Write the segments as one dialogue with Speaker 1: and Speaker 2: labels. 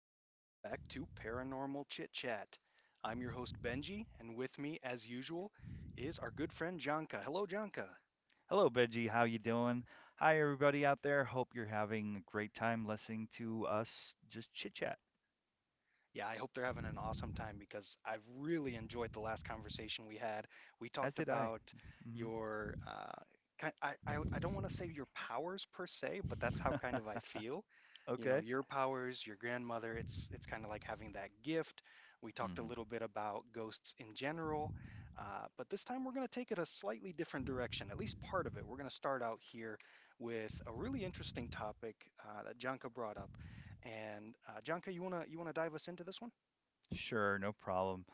Speaker 1: and welcome back to Paranormal Chit Chat. I'm your host, Benji, and with me, as usual, is our good friend Janka. Hello, Janka.
Speaker 2: Hello, Benji. How you doing? Hi, everybody out there. Hope you're having a great time listening to us just chit chat,
Speaker 1: Yeah, I hope they're having an awesome time because I've really enjoyed the last conversation we had. We
Speaker 2: as
Speaker 1: talked
Speaker 2: did I.
Speaker 1: about
Speaker 2: hmm
Speaker 1: your kind I don't want to say your powers per se, but that's how kind of I feel. You know,
Speaker 2: Okay.
Speaker 1: your powers, your grandmother, it's kind of like having that gift. We talked a
Speaker 2: hmm
Speaker 1: little bit about ghosts in general, but this time we're going to take it a slightly different direction, at least part of it. We're going to start out here with a really interesting topic that Janka brought up and Janka, you wanna dive us into this one?
Speaker 2: Sure, no problem.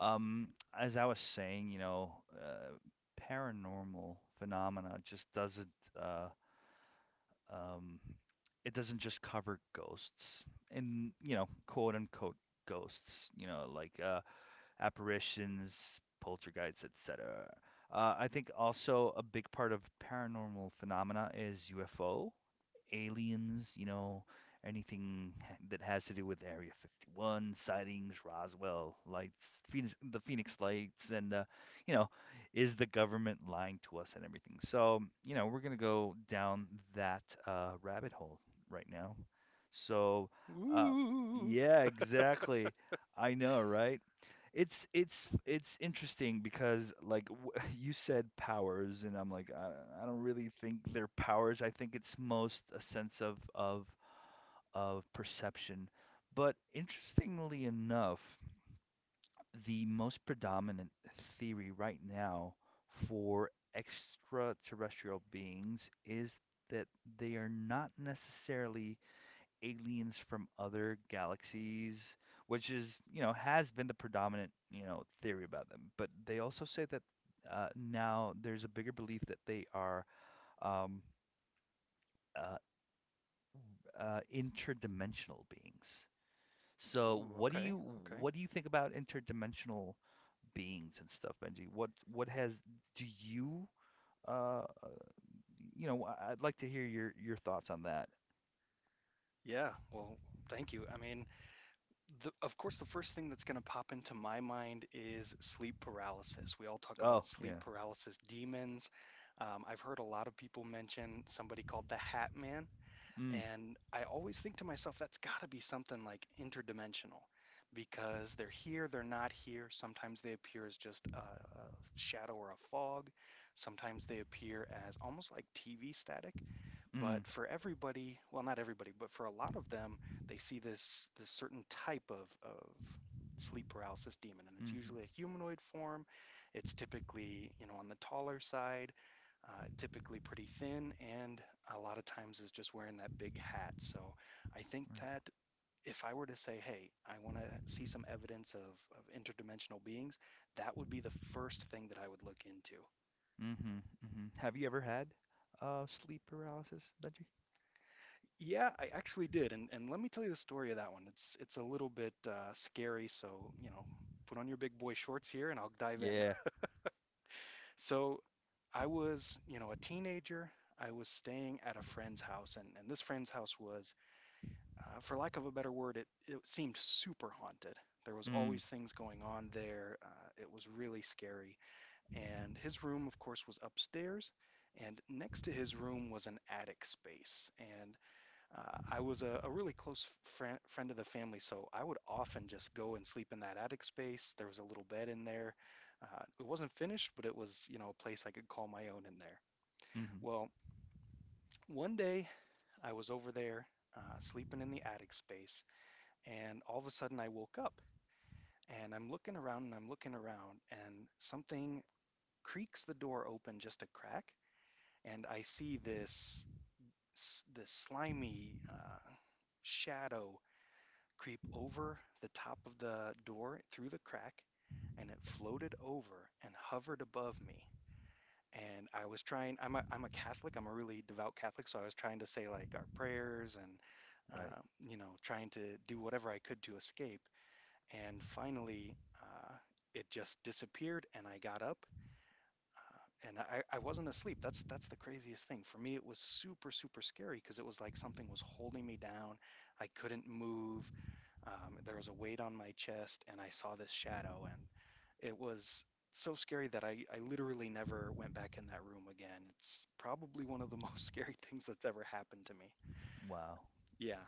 Speaker 2: Um, as I was saying, paranormal phenomena just uh, um, doesn't just cover ghosts and quote unquote ghosts. Apparitions, poltergeists, etc. I think also a big part of paranormal phenomena is UFO, aliens, you know, anything that has to do with Area 51 sightings, Roswell lights, Phoenix, the Phoenix lights, and you know, is the government lying to us and everything. So you know, we're gonna go down that rabbit hole right now. So uh,
Speaker 1: Ooh.
Speaker 2: yeah, exactly. I know, right? It's interesting because you said powers and I'm like I don't really think they're powers. I think it's most a sense of of perception. But interestingly enough, the most predominant theory right now for extraterrestrial beings is that they are not necessarily aliens from other galaxies, which is, you know, has been the predominant, you know, theory about them. But they also say that now there's a bigger belief that they are um, uh, interdimensional beings. So
Speaker 1: Ooh, okay, okay.
Speaker 2: what do you think about interdimensional beings and stuff, Benji? What has do you uh uh, you know, I- I'd like to hear your thoughts on that.
Speaker 1: Yeah, well, thank you. I mean, the, of course, the first thing that's going to pop into my mind is sleep paralysis. We all talk about
Speaker 2: Oh
Speaker 1: sleep
Speaker 2: yeah.
Speaker 1: paralysis demons. I've heard a lot of people mention somebody called the Hat Man.
Speaker 2: Mm
Speaker 1: And I always think to myself, that's got to be something like interdimensional because they're here, they're not here. Sometimes they appear as just a shadow or a fog. Sometimes they appear as almost like TV static.
Speaker 2: mm-hmm.
Speaker 1: But for everybody, well, not everybody, but for a lot of them, they see this certain type of sleep paralysis demon, and it's usually a humanoid form. It's typically, you know, on the taller side uh, typically pretty thin, and a lot of times is just wearing that big hat. So I think
Speaker 2: Right.
Speaker 1: that if I were to say, hey, I want to see some evidence of interdimensional beings, that would be the first thing that I would look into.
Speaker 2: Mhm, mhm. Have you ever had sleep paralysis, Benji?
Speaker 1: Yeah, I actually did, and let me tell you the story of that one. It's a little bit scary, so you know, put on your big boy shorts here, and I'll dive in.
Speaker 2: Yeah.
Speaker 1: So I was, you know, a teenager. I was staying at a friend's house, and this friend's house was for lack of a better word, it seemed super haunted. There was
Speaker 2: Mm,
Speaker 1: always things going on there. It was really scary. And his room, of course, was upstairs. And next to his room was an attic space. And I was a really close friend of the family, so I would often just go and sleep in that attic space. There was a little bed in there. It wasn't finished, but it was, you know, a place I could call my own in there.
Speaker 2: mhm.
Speaker 1: Well, one day I was over there sleeping in the attic space and all of a sudden, I woke up and I'm looking around and I'm looking around, and something creaks the door open just a crack. And I see this, this slimy shadow creep over the top of the door through the crack, and it floated over and hovered above me. And I was trying, I'm a Catholic, I'm a really devout Catholic, so I was trying to say like our prayers and,
Speaker 2: Right.
Speaker 1: uh, you know, trying to do whatever I could to escape. And finally, uh, it just disappeared, and I got up, and I wasn't asleep. That's the craziest thing. For me, it was super, super scary because it was like something was holding me down. I couldn't move. There was a weight on my chest, and I saw this shadow, and it was so scary that I literally never went back in that room again. It's probably one of the most scary things that's ever happened to me.
Speaker 2: Wow.
Speaker 1: Yeah.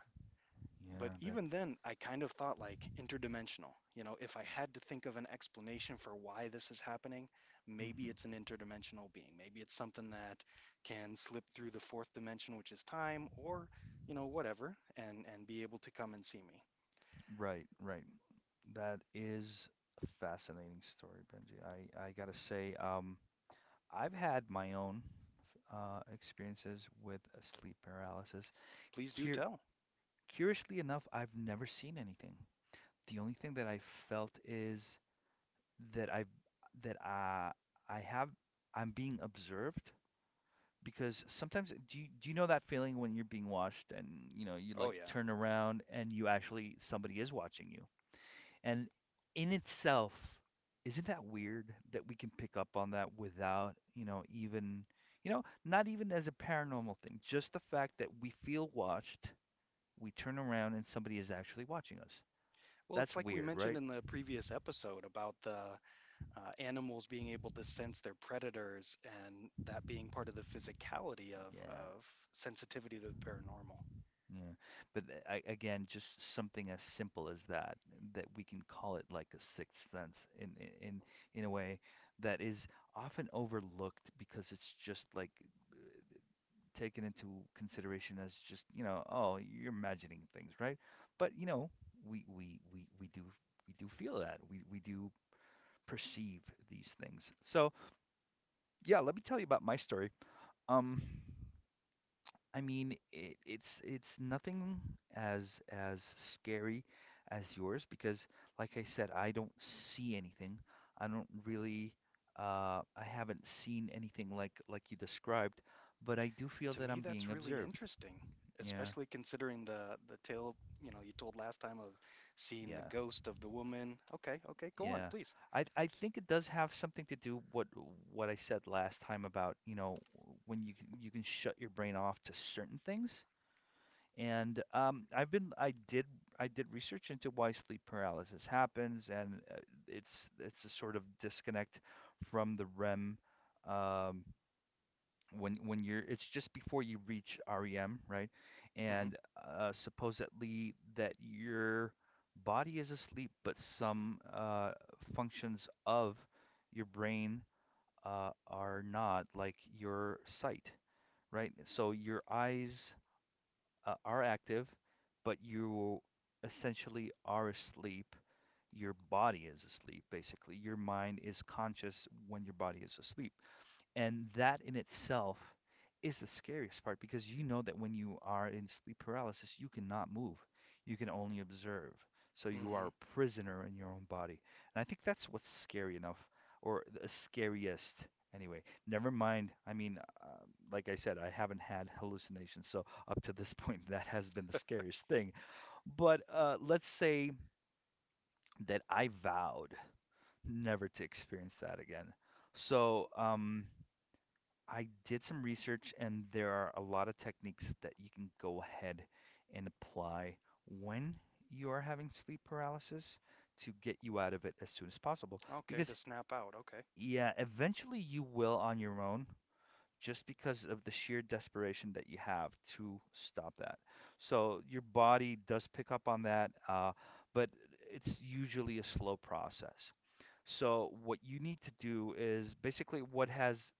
Speaker 1: But
Speaker 2: Yeah, that's
Speaker 1: even then, I kind of thought like interdimensional. You know, if I had to think of an explanation for why this is happening, maybe
Speaker 2: mhm.
Speaker 1: it's an interdimensional being. Maybe it's something that can slip through the fourth dimension, which is time, or, you know, whatever, and be able to come and see me.
Speaker 2: Right, right. That is a fascinating story, Benji. I gotta say, I've had my own experiences with sleep paralysis.
Speaker 1: Please do
Speaker 2: Cur-
Speaker 1: tell.
Speaker 2: curiously enough, I've never seen anything. The only thing that I felt is that I that I have I'm being observed. Because sometimes do do you know that feeling when you're being watched and you know you
Speaker 1: Oh
Speaker 2: like
Speaker 1: yeah.
Speaker 2: turn around and you actually somebody is watching you? And in itself, isn't that weird that we can pick up on that without, not even as a paranormal thing, just the fact that we feel watched, we turn around and somebody is actually watching us?
Speaker 1: Well, it's
Speaker 2: That's
Speaker 1: like we
Speaker 2: weird,
Speaker 1: mentioned
Speaker 2: right?
Speaker 1: in the previous episode about the animals being able to sense their predators and that being part of the physicality
Speaker 2: Yeah.
Speaker 1: of sensitivity to the paranormal.
Speaker 2: Yeah. I, again, just something as simple as that, that we can call it like a sixth sense in a way that is often overlooked because it's just like uh, taken into consideration as just, you know, oh, you're imagining things, right? But you know, we we we we do we do feel that. We do perceive these things. So, yeah, let me tell you about my story. Um I mean, it's nothing as as scary as yours because, like I said, I don't see anything. I don't really, I haven't seen anything like you described, but I do feel
Speaker 1: To
Speaker 2: that
Speaker 1: me,
Speaker 2: I'm being
Speaker 1: that's really
Speaker 2: observed.
Speaker 1: interesting,
Speaker 2: Yeah,
Speaker 1: especially considering the tale, you know, you told last time of seeing the
Speaker 2: yeah,
Speaker 1: ghost of the woman. Okay, okay, go on,
Speaker 2: yeah.
Speaker 1: please.
Speaker 2: I think it does have something to do what I said last time about, you know, you can shut your brain off to certain things. And I did research into why sleep paralysis happens, and it's a sort of disconnect from the REM um, when you're it's just before you reach REM, right?
Speaker 1: Mm-hmm.
Speaker 2: And supposedly that your body is asleep, but some functions of your brain are not, like your sight, right? So your eyes are active, but you essentially are asleep. Your body is asleep, basically. Your mind is conscious when your body is asleep. And that in itself is the scariest part because you know that when you are in sleep paralysis, you cannot move. You can only observe. So you
Speaker 1: Mm-hmm.
Speaker 2: are a prisoner in your own body. And I think that's what's scary enough, or the scariest anyway. Never mind. I mean, like I said, I haven't had hallucinations. So up to this point, that has been the scariest thing. But let's say that I vowed never to experience that again. So, I did some research, and there are a lot of techniques that you can go ahead and apply when you are having sleep paralysis to get you out of it as soon as possible.
Speaker 1: Okay, to
Speaker 2: Because,
Speaker 1: snap out. Okay.
Speaker 2: yeah, eventually you will on your own just because of the sheer desperation that you have to stop that. So your body does pick up on that, but it's usually a slow process. So what you need to do is basically what has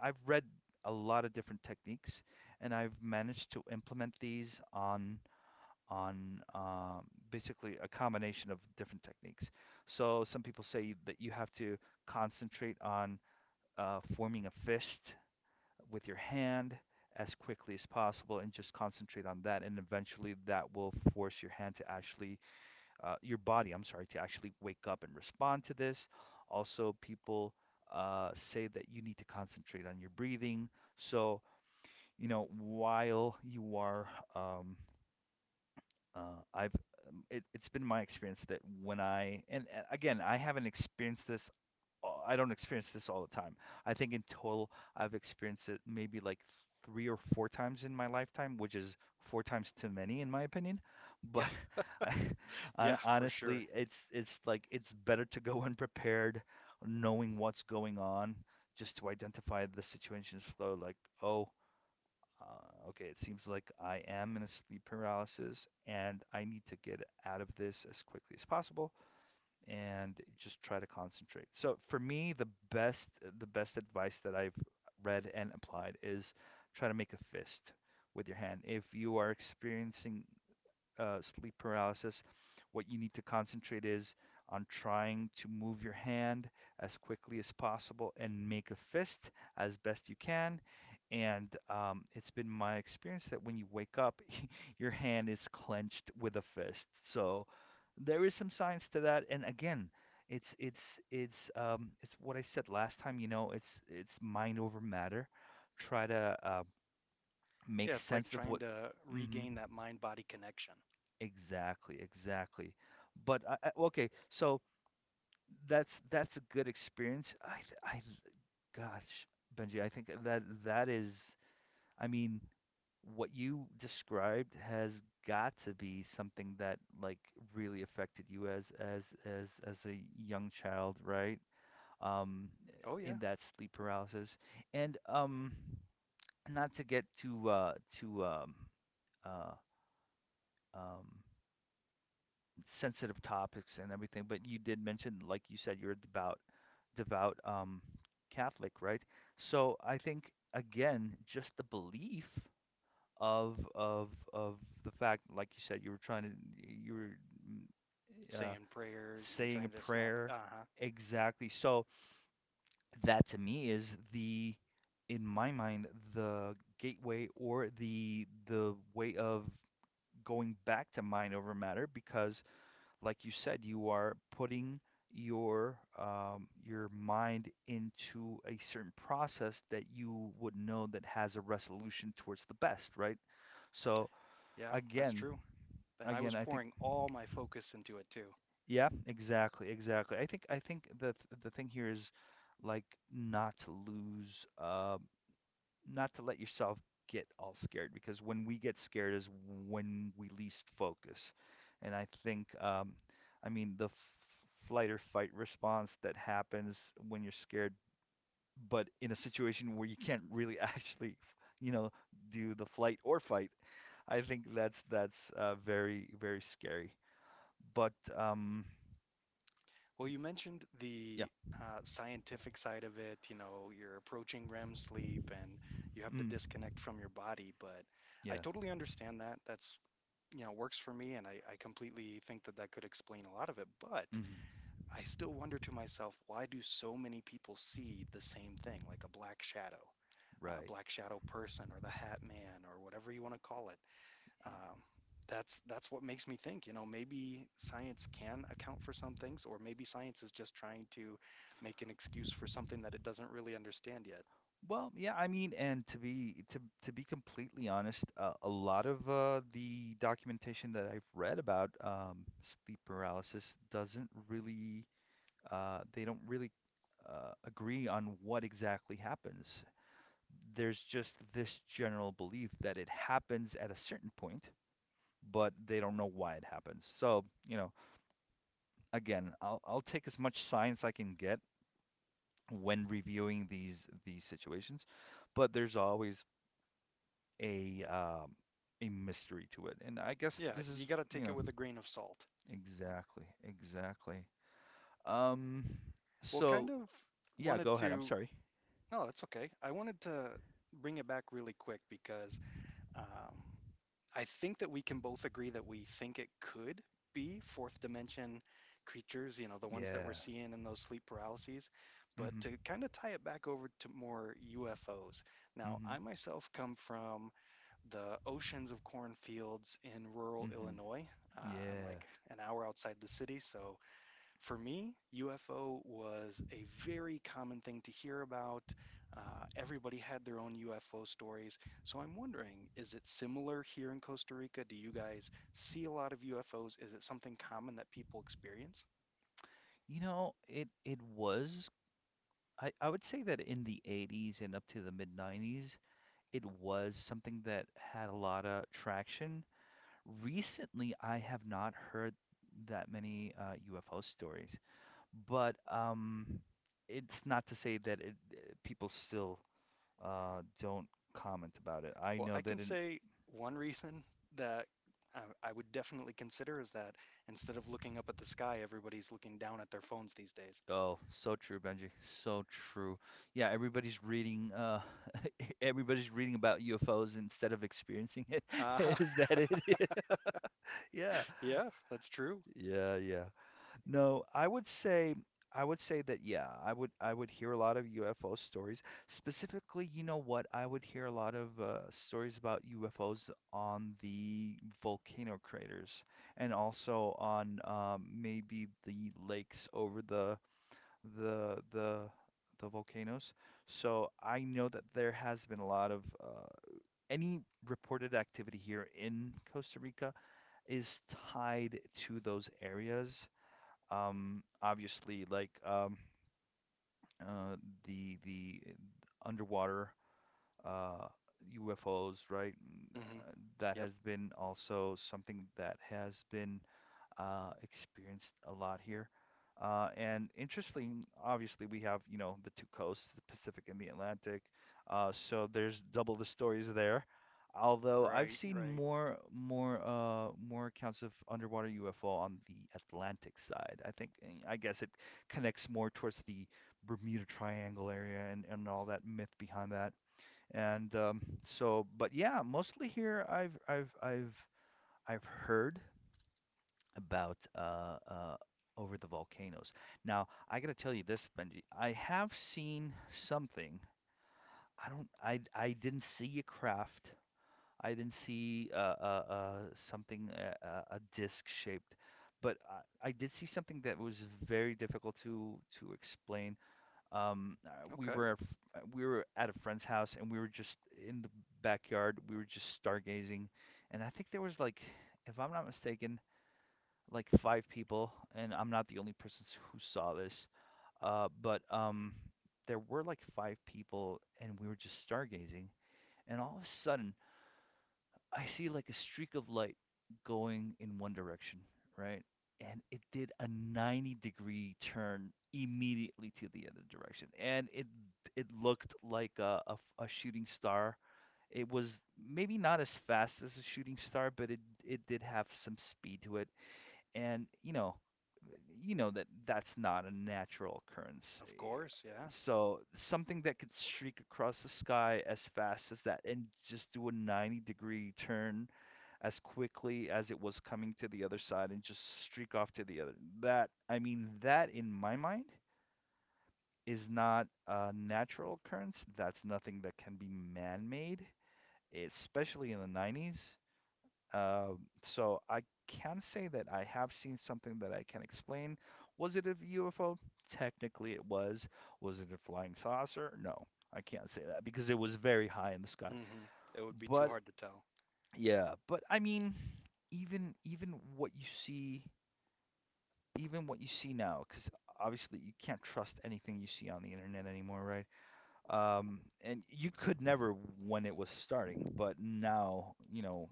Speaker 2: I've read a lot of different techniques, and I've managed to implement these on basically a combination of different techniques. So some people say that you have to concentrate on forming a fist with your hand as quickly as possible and just concentrate on that, and eventually that will force your hand to actually your body, I'm sorry, to actually wake up and respond to this. Also, people say that you need to concentrate on your breathing. So, you know, while you are, um, I've, it, it's been my experience that when and again, I haven't experienced this I don't experience this all the time. I think in total, I've experienced it maybe like three or four times in my lifetime, which is four times too many in my opinion.
Speaker 1: Yeah,
Speaker 2: But I,
Speaker 1: yeah, for sure.
Speaker 2: honestly, it's like it's better to go unprepared, knowing what's going on, just to identify the situation's flow. Like, oh, okay, it seems like I am in a sleep paralysis, and I need to get out of this as quickly as possible and just try to concentrate. So for me, the best advice that I've read and applied is try to make a fist with your hand. If you are experiencing sleep paralysis, what you need to concentrate is on trying to move your hand as quickly as possible and make a fist as best you can. And it's been my experience that when you wake up, your hand is clenched with a fist. So there is some science to that. And again, it's what I said last time. You know, it's mind over matter. Try to make
Speaker 1: Yeah, it's like
Speaker 2: sense of
Speaker 1: trying
Speaker 2: what.
Speaker 1: to
Speaker 2: Mm-hmm.
Speaker 1: regain that mind-body connection.
Speaker 2: Exactly, exactly. But okay, so that's a good experience. Gosh, Benji, I think that that is, I mean, what you described has got to be something that like really affected you as as a young child, right? Um,
Speaker 1: Oh yeah,
Speaker 2: in that sleep paralysis, and not to get too uh um sensitive topics and everything, but you did mention, like you said, you're a devout Catholic, right? So I think again, just the belief of the fact, like you said, you were trying to, you were
Speaker 1: saying prayers and
Speaker 2: saying a
Speaker 1: trying to snap.
Speaker 2: prayer
Speaker 1: Uh-huh.
Speaker 2: exactly. So that to me is the, in my mind, the gateway or the way of going back to mind over matter because like you said, you are putting your mind into a certain process that you would know that has a resolution towards the best, right? So
Speaker 1: Yeah, that's
Speaker 2: again,
Speaker 1: true. And I was
Speaker 2: again, I think
Speaker 1: pouring all my focus into it too.
Speaker 2: yeah, exactly, exactly. I think the thing here is like not to lose not to let yourself get all scared because when we get scared is when we least focus. And I think, I mean, flight or fight response that happens when you're scared, but in a situation where you can't really actually, you know, do the flight or fight, I think that's very very scary. But
Speaker 1: Well, you mentioned
Speaker 2: yeah,
Speaker 1: the scientific side of it. You know, you're approaching REM sleep and you have the
Speaker 2: mm,
Speaker 1: disconnect from your body, but I
Speaker 2: yeah,
Speaker 1: totally understand that. That's, you know, works for me, and I completely think that that could explain a lot of it. But
Speaker 2: mm,
Speaker 1: I still wonder to myself, why do so many people see the same thing, like a
Speaker 2: right,
Speaker 1: black shadow person, or the Hat Man, or whatever you want to call it?
Speaker 2: yeah.
Speaker 1: Um, that's what makes me think, you know, maybe science can account for some things, or maybe science is just trying to make an excuse for something that it doesn't really understand yet.
Speaker 2: Well, yeah, I mean, and to be completely honest, a lot of the documentation that I've read about sleep paralysis doesn't really they don't really agree on what exactly happens. There's just this general belief that it happens at a certain point, but they don't know why it happens. So, you know, again, I'll take as much science I can get when reviewing these situations, but there's always a um, a mystery to it. And I guess
Speaker 1: Yeah,
Speaker 2: this
Speaker 1: you
Speaker 2: is,
Speaker 1: got to
Speaker 2: you
Speaker 1: take it
Speaker 2: know,
Speaker 1: with a grain of salt.
Speaker 2: exactly, exactly. Um,
Speaker 1: Well, kind
Speaker 2: so
Speaker 1: of
Speaker 2: yeah, go
Speaker 1: wanted
Speaker 2: ahead. I'm
Speaker 1: to.
Speaker 2: sorry.
Speaker 1: No, that's okay. I wanted to bring it back really quick because um, I think that we can both agree that we think it could be fourth dimension creatures, you know, the ones that we're
Speaker 2: Yeah.
Speaker 1: seeing in those sleep paralyses. But to
Speaker 2: Mhm.
Speaker 1: kind of tie it back over to more UFOs. Now, I
Speaker 2: Mhm.
Speaker 1: myself come from the oceans of cornfields in rural
Speaker 2: Mhm.
Speaker 1: Illinois. Uh, I'm
Speaker 2: Yeah.
Speaker 1: like an hour outside the city, so for me, UFO was a very common thing to hear about. Uh, everybody had their own UFO stories. So I'm wondering, is it similar here in Costa Rica? Do you guys see a lot of UFOs? Is it something common that people experience?
Speaker 2: You know, it was I would say that in the '80s and up to the mid '90s, it was something that had a lot of traction. Recently, I have not heard that many UFO stories. But it's not to say people still don't comment about it. I
Speaker 1: Well,
Speaker 2: know
Speaker 1: I can
Speaker 2: that in
Speaker 1: say one reason that I would definitely consider is that instead of looking up at the sky, everybody's looking down at their phones these days.
Speaker 2: oh, so true, Benji, so true. Yeah, everybody's reading everybody's reading about UFOs instead of experiencing it.
Speaker 1: Uh,
Speaker 2: Is that it? Yeah.
Speaker 1: yeah, that's true.
Speaker 2: Yeah, yeah. No, I would say that yeah, I would hear a lot of UFO stories. Specifically, you know what? I would hear a lot of stories about UFOs on the volcano craters, and also on maybe the lakes over the the the the volcanoes. So I know that there has been a lot of any reported activity here in Costa Rica is tied to those areas, obviously, like uh, the underwater uh, UFOs, right?
Speaker 1: Hmm.
Speaker 2: That
Speaker 1: Yep.
Speaker 2: has been also something that has been experienced a lot here. And interesting, obviously, we have, you know, the two coasts, the Pacific and the Atlantic. So there's double the stories there. Although I've
Speaker 1: Right,
Speaker 2: seen
Speaker 1: right.
Speaker 2: more accounts of underwater UFO on the Atlantic side. I think I guess it connects more towards the Bermuda Triangle area, and all that myth behind that. But yeah, mostly here I've heard about over the volcanoes. Now, I got to tell you this, Benji. I have seen something. I don't. I didn't see a craft. I didn't see something a disc shaped, but I did see something that was very difficult to explain. Um, uh, we
Speaker 1: Okay.
Speaker 2: were f- we were at a friend's house, and we were just in the backyard. We were just stargazing, and I think there was like, if I'm not mistaken, like five people, and I'm not the only person who saw this. But There were like five people, and we were just stargazing. And all of a sudden, I see like a streak of light going in one direction, right? And it did a 90-degree turn immediately to the other direction, and it looked like a shooting star. It was maybe not as fast as a shooting star, but it did have some speed to it. And you know that that's not a natural occurrence.
Speaker 1: Of course, yeah.
Speaker 2: So something that could streak across the sky as fast as that and just do a 90-degree turn as quickly as it was coming to the other side and just streak off to the other. That I mean that in my mind is not a natural occurrence. That's nothing that can be man-made, especially in the 90s. So I can say that I have seen something that I can explain. Was it a UFO? Technically, it was. Was it a flying saucer? No, I can't say that because it was very high in the sky.
Speaker 1: Hmm. It would be too
Speaker 2: But
Speaker 1: hard to tell.
Speaker 2: yeah, but I mean, even what you see, even what you see now, because obviously you can't trust anything you see on the internet anymore, right? And you could never when it was starting, but now, you know,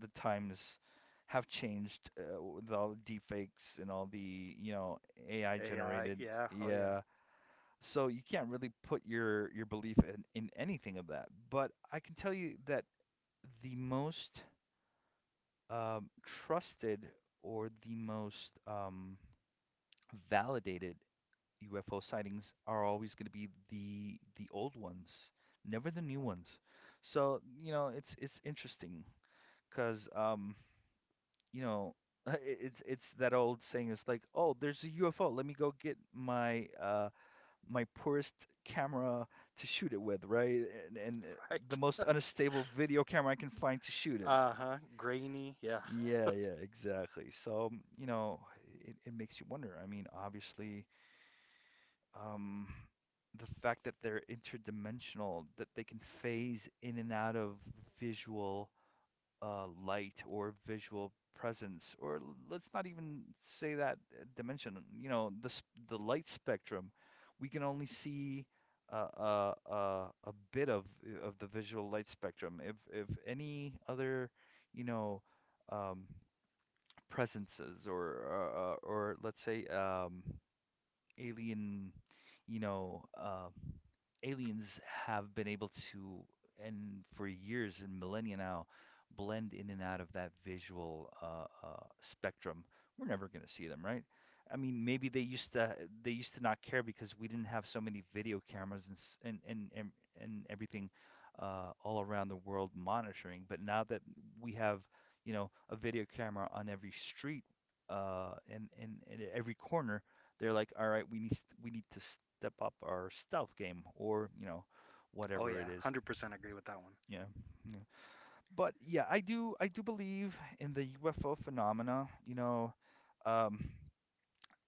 Speaker 2: the times have changed with all the deepfakes and all the, you know, AI
Speaker 1: AI,
Speaker 2: generated.
Speaker 1: yeah. Oh, yeah.
Speaker 2: Yeah. So you can't really put your belief in anything of that. But I can tell you that the most trusted or the most validated UFO sightings are always going to be the old ones, never the new ones. So, you know, it's interesting because you know, it's it's that old saying it's like, "Oh, there's a UFO. Let me go get my my poorest camera to shoot it with, right? And the
Speaker 1: Right.
Speaker 2: most unstable video camera I can find to shoot it."
Speaker 1: Uh-huh. Grainy. Yeah.
Speaker 2: Yeah, yeah, exactly. So, you know, it makes you wonder. I mean, obviously, um, the fact that they're interdimensional, that they can phase in and out of visual light or visual presence, or let's not even say that dimension. You know, the light spectrum, we can only see a bit of the visual light spectrum. If any other, you know, um, presences or let's say alien, you know, aliens have been able to, and for years and millennia now, blend in and out of that visual spectrum. We're never going to see them, right? I mean, maybe they used to not care because we didn't have so many video cameras and and everything all around the world monitoring. But now that we have, you know, a video camera on every street and every corner, they're like, all right, we need to step up our stealth game, or you know
Speaker 1: Oh
Speaker 2: whatever
Speaker 1: yeah,
Speaker 2: it is.
Speaker 1: 100% agree with that one.
Speaker 2: Yeah, yeah. But yeah, I do believe in the UFO phenomena. You know, um,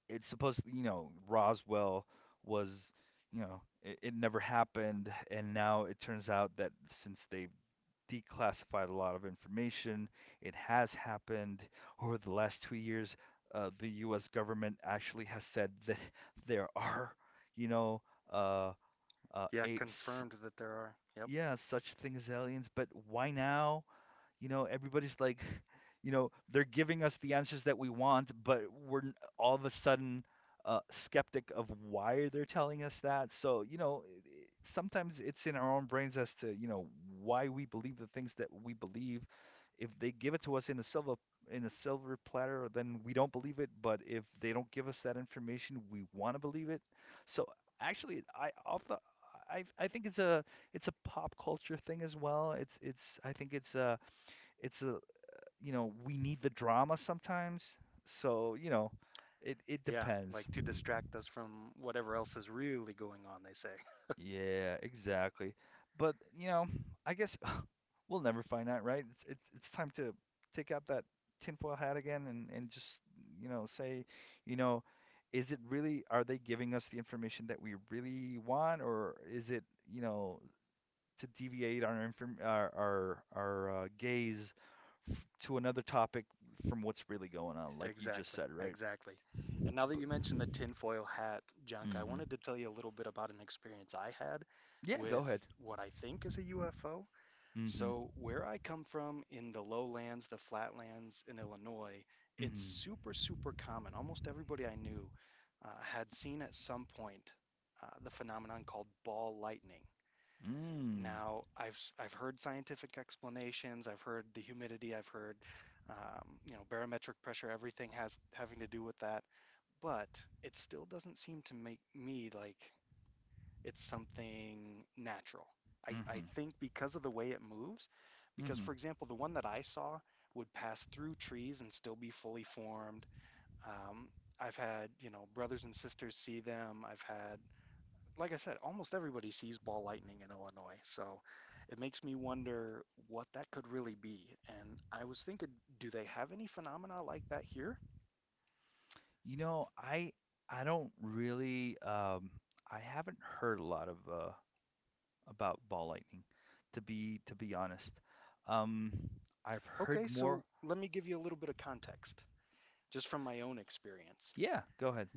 Speaker 2: it's supposed to, you know Roswell was you know it never happened, and now it turns out that since they declassified a lot of information. It has happened over the last 2 years. The U.S. government actually has said that there are, you know, uh, uh,
Speaker 1: Yeah,
Speaker 2: a, s-
Speaker 1: confirmed that there are. Yep.
Speaker 2: yeah, such thing as aliens. But why now? You know, everybody's like, you know, they're giving us the answers that we want, but all of a sudden skeptic of why they're telling us that. So, you know, sometimes it's in our own brains as to, you know, why we believe the things that we believe. If they give it to us in a silver platter, then we don't believe it. But if they don't give us that information, we want to believe it. So actually, I off the I think it's a pop culture thing as well. It's I think it's a you know, we need the drama sometimes. So, you know, it
Speaker 1: Yeah,
Speaker 2: depends.
Speaker 1: like to distract us from whatever else is really going on, they say.
Speaker 2: Yeah, exactly. But, you know, I guess we'll never find out, right? It's time to take out that tinfoil hat again, and just, you know, say, you know, is it really, are they giving us the information that we really want, or is it, you know, to deviate our inform our gaze to another topic from what's really going on, like you just
Speaker 1: Exactly,
Speaker 2: said, right?
Speaker 1: exactly. And now that
Speaker 2: But
Speaker 1: you mentioned the tinfoil hat junk, I
Speaker 2: hmm,
Speaker 1: wanted to tell you a little bit about an experience I had
Speaker 2: yeah, go
Speaker 1: with
Speaker 2: ahead.
Speaker 1: what I think is a UFO.
Speaker 2: Mm-hmm.
Speaker 1: So, where I come from in the lowlands, the flatlands in Illinois, it's
Speaker 2: Mm-hmm.
Speaker 1: super, super common. Almost everybody I knew had seen at some point the phenomenon called ball lightning.
Speaker 2: Mm.
Speaker 1: Now, I've heard scientific explanations. I've heard the humidity. I've heard, you know, barometric pressure. Everything has having to do with that, but it still doesn't seem to make me like it's something natural. I
Speaker 2: Mm-hmm.
Speaker 1: think because of the way it moves, because
Speaker 2: Mm-hmm.
Speaker 1: for example, the one that I saw would pass through trees and still be fully formed. Um, I've had, you know, brothers and sisters see them. I've had, like I said, almost everybody sees ball lightning in Illinois. So it makes me wonder what that could really be. And I was thinking, do they have any phenomena like that here?
Speaker 2: You know, I don't really I haven't heard a lot of about ball lightning, to be honest. Um, I've heard
Speaker 1: Okay,
Speaker 2: more.
Speaker 1: so let me give you a little bit of context, just from my own experience.
Speaker 2: Yeah, go ahead.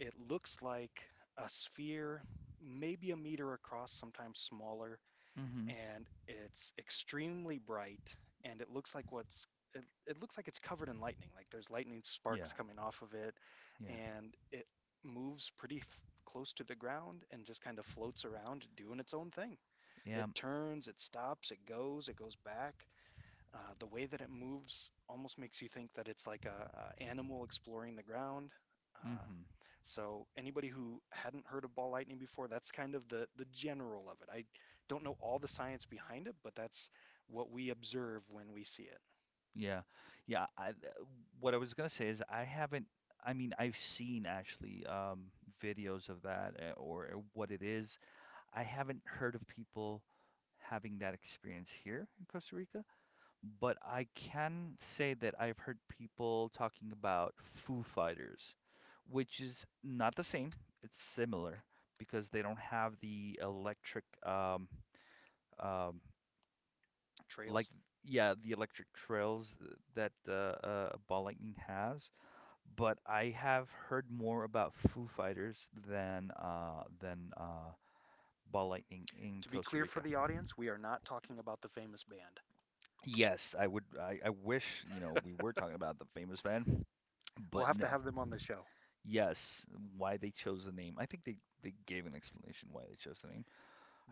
Speaker 1: It looks like a sphere, maybe a meter across, sometimes smaller,
Speaker 2: Mm-hmm.
Speaker 1: and it's extremely bright, and it looks like what's it, it looks like it's covered in lightning. Like there's lightning
Speaker 2: Yeah,
Speaker 1: sparks coming off of it,
Speaker 2: yeah,
Speaker 1: and it moves pretty f close to the ground and just kind of floats around doing its own thing. It
Speaker 2: yeah.
Speaker 1: turns, it stops, it goes back. The way that it moves almost makes you think that it's like a animal exploring the ground. Uh,
Speaker 2: Mm-hmm.
Speaker 1: so anybody who hadn't heard of ball lightning before, that's kind of the general of it. I don't know all the science behind it, but that's what we observe when we see it.
Speaker 2: Yeah. Yeah, I th- what I was gonna say is I haven't I mean, I've seen actually videos of that or what it is. I haven't heard of people having that experience here in Costa Rica, but I can say that I've heard people talking about Foo Fighters, which is not the same. It's similar because they don't have the electric um like
Speaker 1: Trails.
Speaker 2: yeah, the electric trails that Ball Lightning has, but I have heard more about Foo Fighters than Ball Lightning in
Speaker 1: To be
Speaker 2: Costa
Speaker 1: clear for
Speaker 2: Rica.
Speaker 1: the audience, we are not talking about the famous band.
Speaker 2: Yes, I would. I wish you know we were talking about the famous band,
Speaker 1: We'll
Speaker 2: but
Speaker 1: have to
Speaker 2: no.
Speaker 1: have them on the show.
Speaker 2: Yes, why they chose the name? I think they gave an explanation why they chose the name.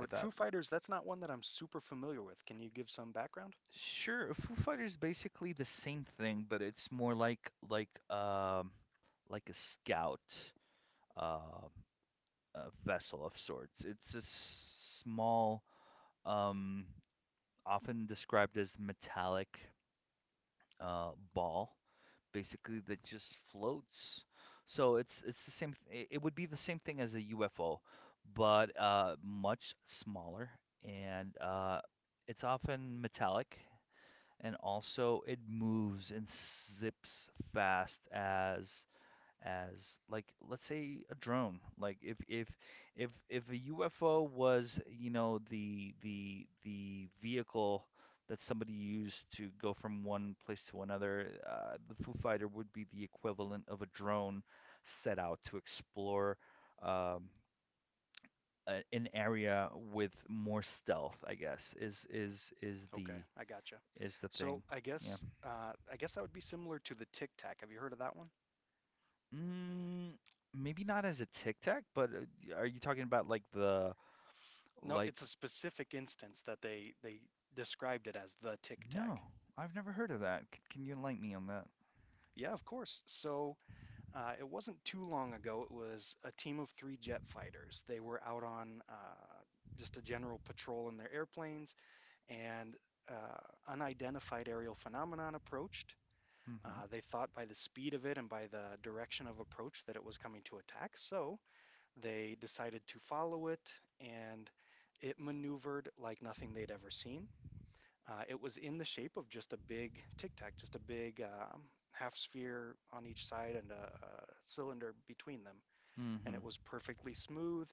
Speaker 2: I thought
Speaker 1: Foo Fighters, that's not one that I'm super familiar with. Can you give some background?
Speaker 2: Sure, Foo Fighters basically the same thing, but it's more like like a scout uh, a vessel of sorts. It's a small, um, often described as metallic ball, basically that just floats. So it's the same. It would be the same thing as a UFO, but much smaller, and it's often metallic, and also it moves and zips fast as like let's say a drone like if a UFO was you know the vehicle that somebody used to go from one place to another, the Foo Fighter would be the equivalent of a drone set out to explore um, an area with more stealth, I guess is
Speaker 1: Okay,
Speaker 2: the
Speaker 1: I gotcha.
Speaker 2: is the
Speaker 1: So
Speaker 2: thing. Yeah,
Speaker 1: I guess that would be similar to the Tic Tac. Have you heard of that one?
Speaker 2: mm, maybe not as a tic tac, but are you talking about
Speaker 1: No,
Speaker 2: Like,
Speaker 1: it's a specific instance that they described it as the Tic
Speaker 2: no,
Speaker 1: Tac.
Speaker 2: I've never heard of that. Can you enlighten me on that?
Speaker 1: Yeah, of course. So it wasn't too long ago. It was a team of three jet fighters. They were out on just a general patrol in their airplanes, and unidentified aerial phenomenon approached.
Speaker 2: Mm-hmm.
Speaker 1: They thought by the speed of it and by the direction of approach that it was coming to attack. So they decided to follow it, and it maneuvered like nothing they'd ever seen. It was in the shape of just a big tic tac, just a big half sphere on each side and a cylinder between them. And
Speaker 2: Mm-hmm.
Speaker 1: it was perfectly smooth.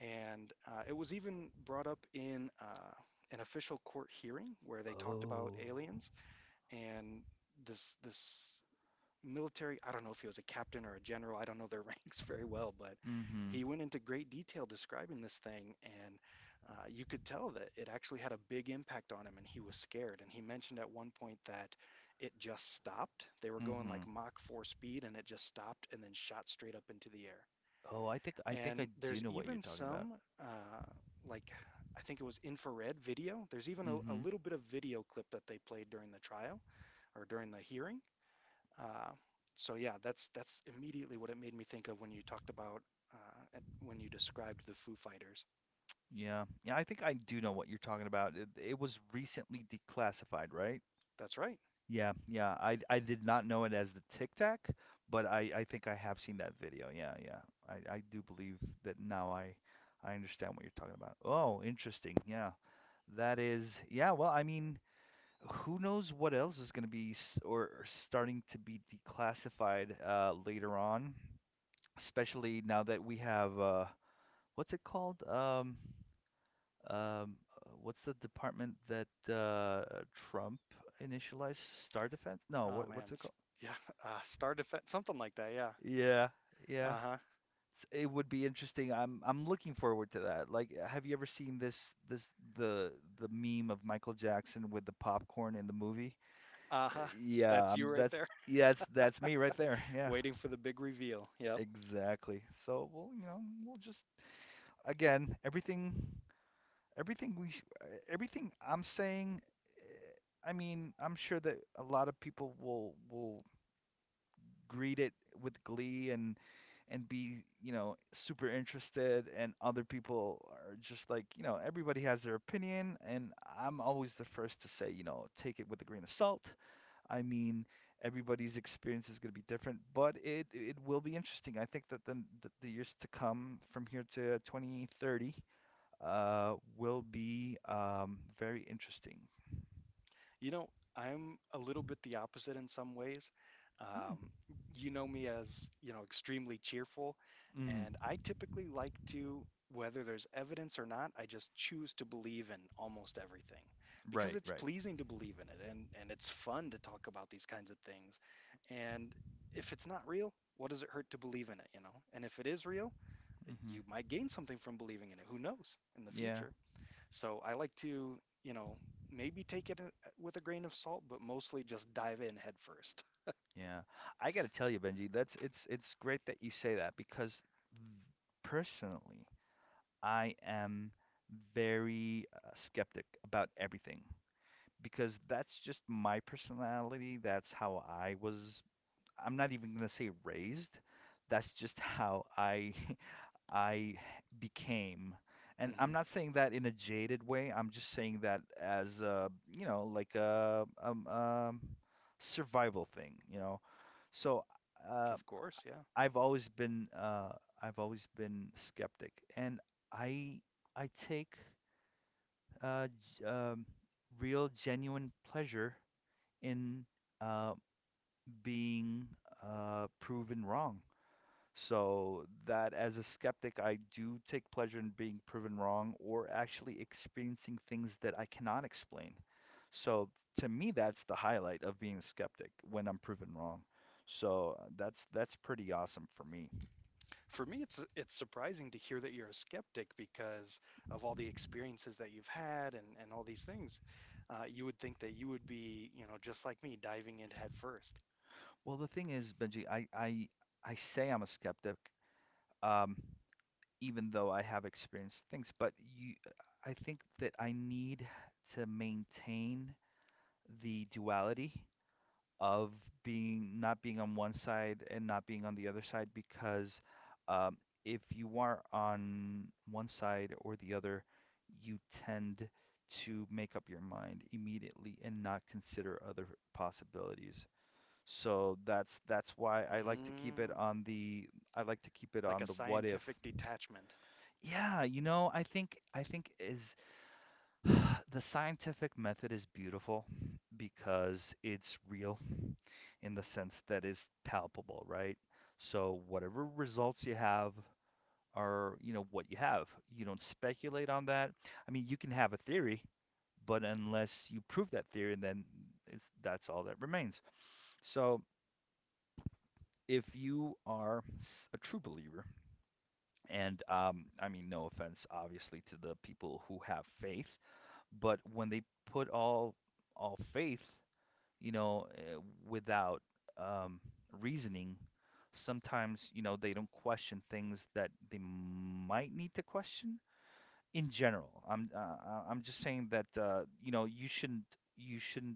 Speaker 1: And it was even brought up in an official court hearing where they talked about
Speaker 2: Oh.
Speaker 1: aliens. And this military, I don't know if he was a captain or a general, I don't know their ranks very well, but
Speaker 2: Mm-hmm.
Speaker 1: he went into great detail describing this thing, and you could tell that it actually had a big impact on him, and he was scared. And he mentioned at one point that it just stopped. They were going like
Speaker 2: Mm-hmm.
Speaker 1: Mach 4 speed, and it just stopped and then shot straight up into the air.
Speaker 2: Oh, I think
Speaker 1: And
Speaker 2: I do
Speaker 1: there's
Speaker 2: know what you're
Speaker 1: even
Speaker 2: talking about.
Speaker 1: some, uh, like, I think it was infrared video. There's even a
Speaker 2: Mm-hmm.
Speaker 1: little bit of video clip that they played during the trial or during the hearing, uh, so yeah, that's immediately what it made me think of when you talked about and when you described the Foo Fighters.
Speaker 2: Yeah. Yeah, I think I do know what you're talking about. It was recently declassified, right?
Speaker 1: That's right.
Speaker 2: Yeah, yeah. I did not know it as the Tic Tac, but I think I have seen that video. Yeah, yeah. I do believe that now I understand what you're talking about. Oh, interesting. Yeah. That is, yeah, well, I mean, who knows what else is going to be or starting to be declassified later on, especially now that we have what's it called? Um, uh, what's the department that Trump initialized? Star Defense? No,
Speaker 1: Oh man,
Speaker 2: what's it called?
Speaker 1: Yeah, Star Defense, something like that. Yeah.
Speaker 2: Yeah, yeah.
Speaker 1: Uh-huh.
Speaker 2: It would be interesting. I'm looking forward to that. Like, have you ever seen this this the the meme of Michael Jackson with the popcorn in the movie?
Speaker 1: Uh-huh.
Speaker 2: Yeah,
Speaker 1: That's you right
Speaker 2: that's
Speaker 1: there,
Speaker 2: yeah, that's me right there. Yeah,
Speaker 1: waiting for the big reveal. Yep.
Speaker 2: exactly. So we'll, you know, we'll just again, everything everything I'm saying. I mean, I'm sure that a lot of people will greet it with glee and be, you know, super interested, and other people are just like, you know, everybody has their opinion, and I'm always the first to say, you know, take it with a grain of salt. I mean, everybody's experience is going to be different, but it will be interesting. I think that the years to come from here to 2030 will be very interesting.
Speaker 1: You know, I'm a little bit the opposite in some ways.
Speaker 2: Hmm.
Speaker 1: Um, you know me as, you know, extremely cheerful,
Speaker 2: Mm,
Speaker 1: and I typically like to, whether there's evidence or not, I just choose to believe in almost everything because
Speaker 2: right,
Speaker 1: it's
Speaker 2: right.
Speaker 1: pleasing to believe in it and it's fun to talk about these kinds of things. And if it's not real, what does it hurt to believe in it, you know? And if it is real, eh,
Speaker 2: Hmm.
Speaker 1: you might gain something from believing in it. Who knows in the
Speaker 2: Yeah,
Speaker 1: future? So I like to, you know, maybe with a grain of salt, but mostly just dive in head 1st.
Speaker 2: yeah. I gotta tell you, Benji, that's it's great that you say that because v- personally, I am very skeptic about everything because that's just my personality. That's how I was. I'm not even gonna say raised. That's just how I I became. And I'm
Speaker 1: Hmm.
Speaker 2: not saying that in a jaded way. I'm just saying that as a, you know, like a survival thing, you know. So uh,
Speaker 1: Of course, yeah.
Speaker 2: I've always been uh, I've always been skeptic, and I I take uh, g- um, real genuine pleasure in uh, being proven wrong. So that as a skeptic, I do take pleasure in being proven wrong or actually experiencing things that I cannot explain. So to me, that's the highlight of being a skeptic when I'm proven wrong. So that's pretty awesome for me.
Speaker 1: For me, it's surprising to hear that you're a skeptic because of all the experiences that you've had, and, all these things. You would think that you would be, you know, just like me, diving in head first.
Speaker 2: Well, the thing is, Benji, I say I'm a skeptic, um, even though I have experienced things, I think that I need to maintain the duality of being not being on one side and not being on the other side because um, if you are on one side or the other, you tend to make up your mind immediately and not consider other possibilities. So that's why
Speaker 1: Mm,
Speaker 2: I like to keep it
Speaker 1: like
Speaker 2: on
Speaker 1: a
Speaker 2: the what if.
Speaker 1: scientific detachment.
Speaker 2: Yeah, you know, I think is the scientific method is beautiful because it's real in the sense that is palpable, right? So whatever results you have are, you know, what you have. You don't speculate on that. I mean, you can have a theory, but unless you prove that theory, then that's all that remains. So if you are a true believer, and I mean, no offense, obviously, to the people who have faith, but when they put all faith, you know, without um, reasoning. Sometimes, you know, they don't question things that they might need to question. In general, I'm just saying that you know, you shouldn't you shouldn't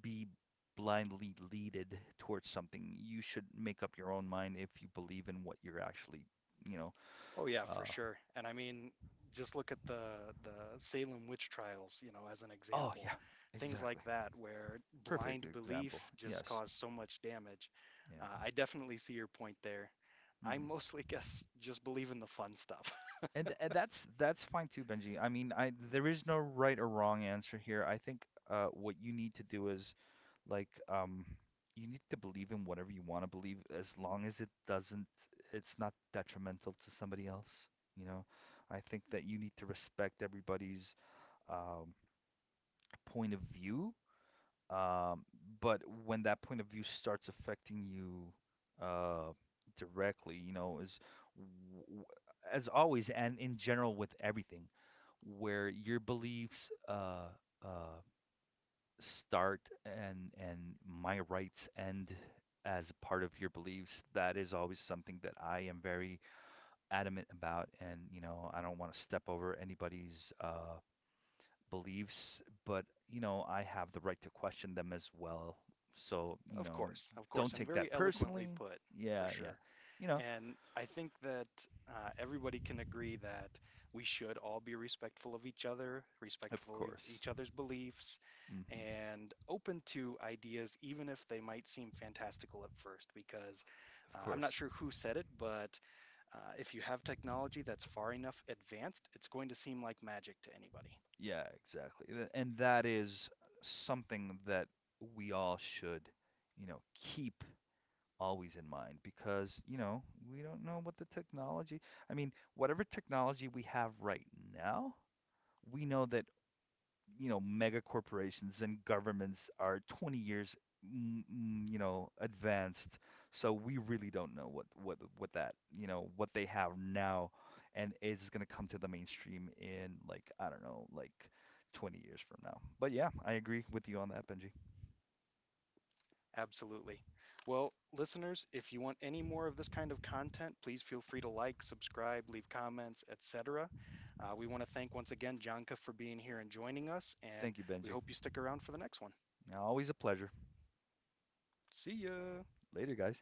Speaker 2: be blindly leaded towards something. You should make up your own mind if you believe in what you're actually, you know.
Speaker 1: Oh yeah, for
Speaker 2: Uh,
Speaker 1: sure. And I mean, just look at the Salem witch trials, you know, as an
Speaker 2: oh
Speaker 1: example.
Speaker 2: yeah,
Speaker 1: Things
Speaker 2: exactly.
Speaker 1: like that where
Speaker 2: Perfect
Speaker 1: blind
Speaker 2: example.
Speaker 1: belief just
Speaker 2: Yes.
Speaker 1: caused so much damage.
Speaker 2: Yeah.
Speaker 1: I definitely see your point there. I
Speaker 2: Hmm.
Speaker 1: mostly guess just believe in the fun stuff.
Speaker 2: And that's fine too, Benji. I mean, I there is no right or wrong answer here. I think what you need to do is like you need to believe in whatever you want to believe, as long as it doesn't, it's not detrimental to somebody else. You know, I think that you need to respect everybody's um, point of view, um, but when that point of view starts affecting you uh, directly, you know, is w- w- as always and in general with everything, where your beliefs uh, start and my rights end as a part of your beliefs, that is always something that I am very adamant about, and you know, I don't want to step over anybody's beliefs, but you know, I have the right to question them as well. So, you know,
Speaker 1: Of
Speaker 2: don't
Speaker 1: course, and
Speaker 2: take that
Speaker 1: very eloquently
Speaker 2: personally.
Speaker 1: put, for
Speaker 2: Yeah, yeah.
Speaker 1: sure.
Speaker 2: You know,
Speaker 1: And I think that everybody can agree that we should all be respectful of each other,
Speaker 2: of
Speaker 1: respectful of
Speaker 2: course.
Speaker 1: each other's beliefs,
Speaker 2: Hmm.
Speaker 1: and open to ideas, even if they might seem fantastical at first. Because
Speaker 2: Of
Speaker 1: I'm not
Speaker 2: course.
Speaker 1: sure who said it, but if you have technology that's far enough advanced, it's going to seem like magic to anybody.
Speaker 2: Yeah, exactly. And that is something that we all should, you know, keep always in mind because, you know, we don't know what the technology, I mean, whatever technology we have right now, we know that, you know, mega corporations and governments are 20 years, you know, advanced. So we really don't know what what that, you know, what they have now, and is going to come to the mainstream in like, I don't know, like 20 years from now. But yeah, I agree with you on that, Benji.
Speaker 1: Absolutely. Well, listeners, if you want any more of this kind of content, please feel free to like, subscribe, leave comments, etc. We want to thank once again Janka for being here and joining us, and
Speaker 2: Thank you,
Speaker 1: we
Speaker 2: Benji.
Speaker 1: hope you stick around for the next one.
Speaker 2: Always a pleasure.
Speaker 1: See ya.
Speaker 2: Later, guys.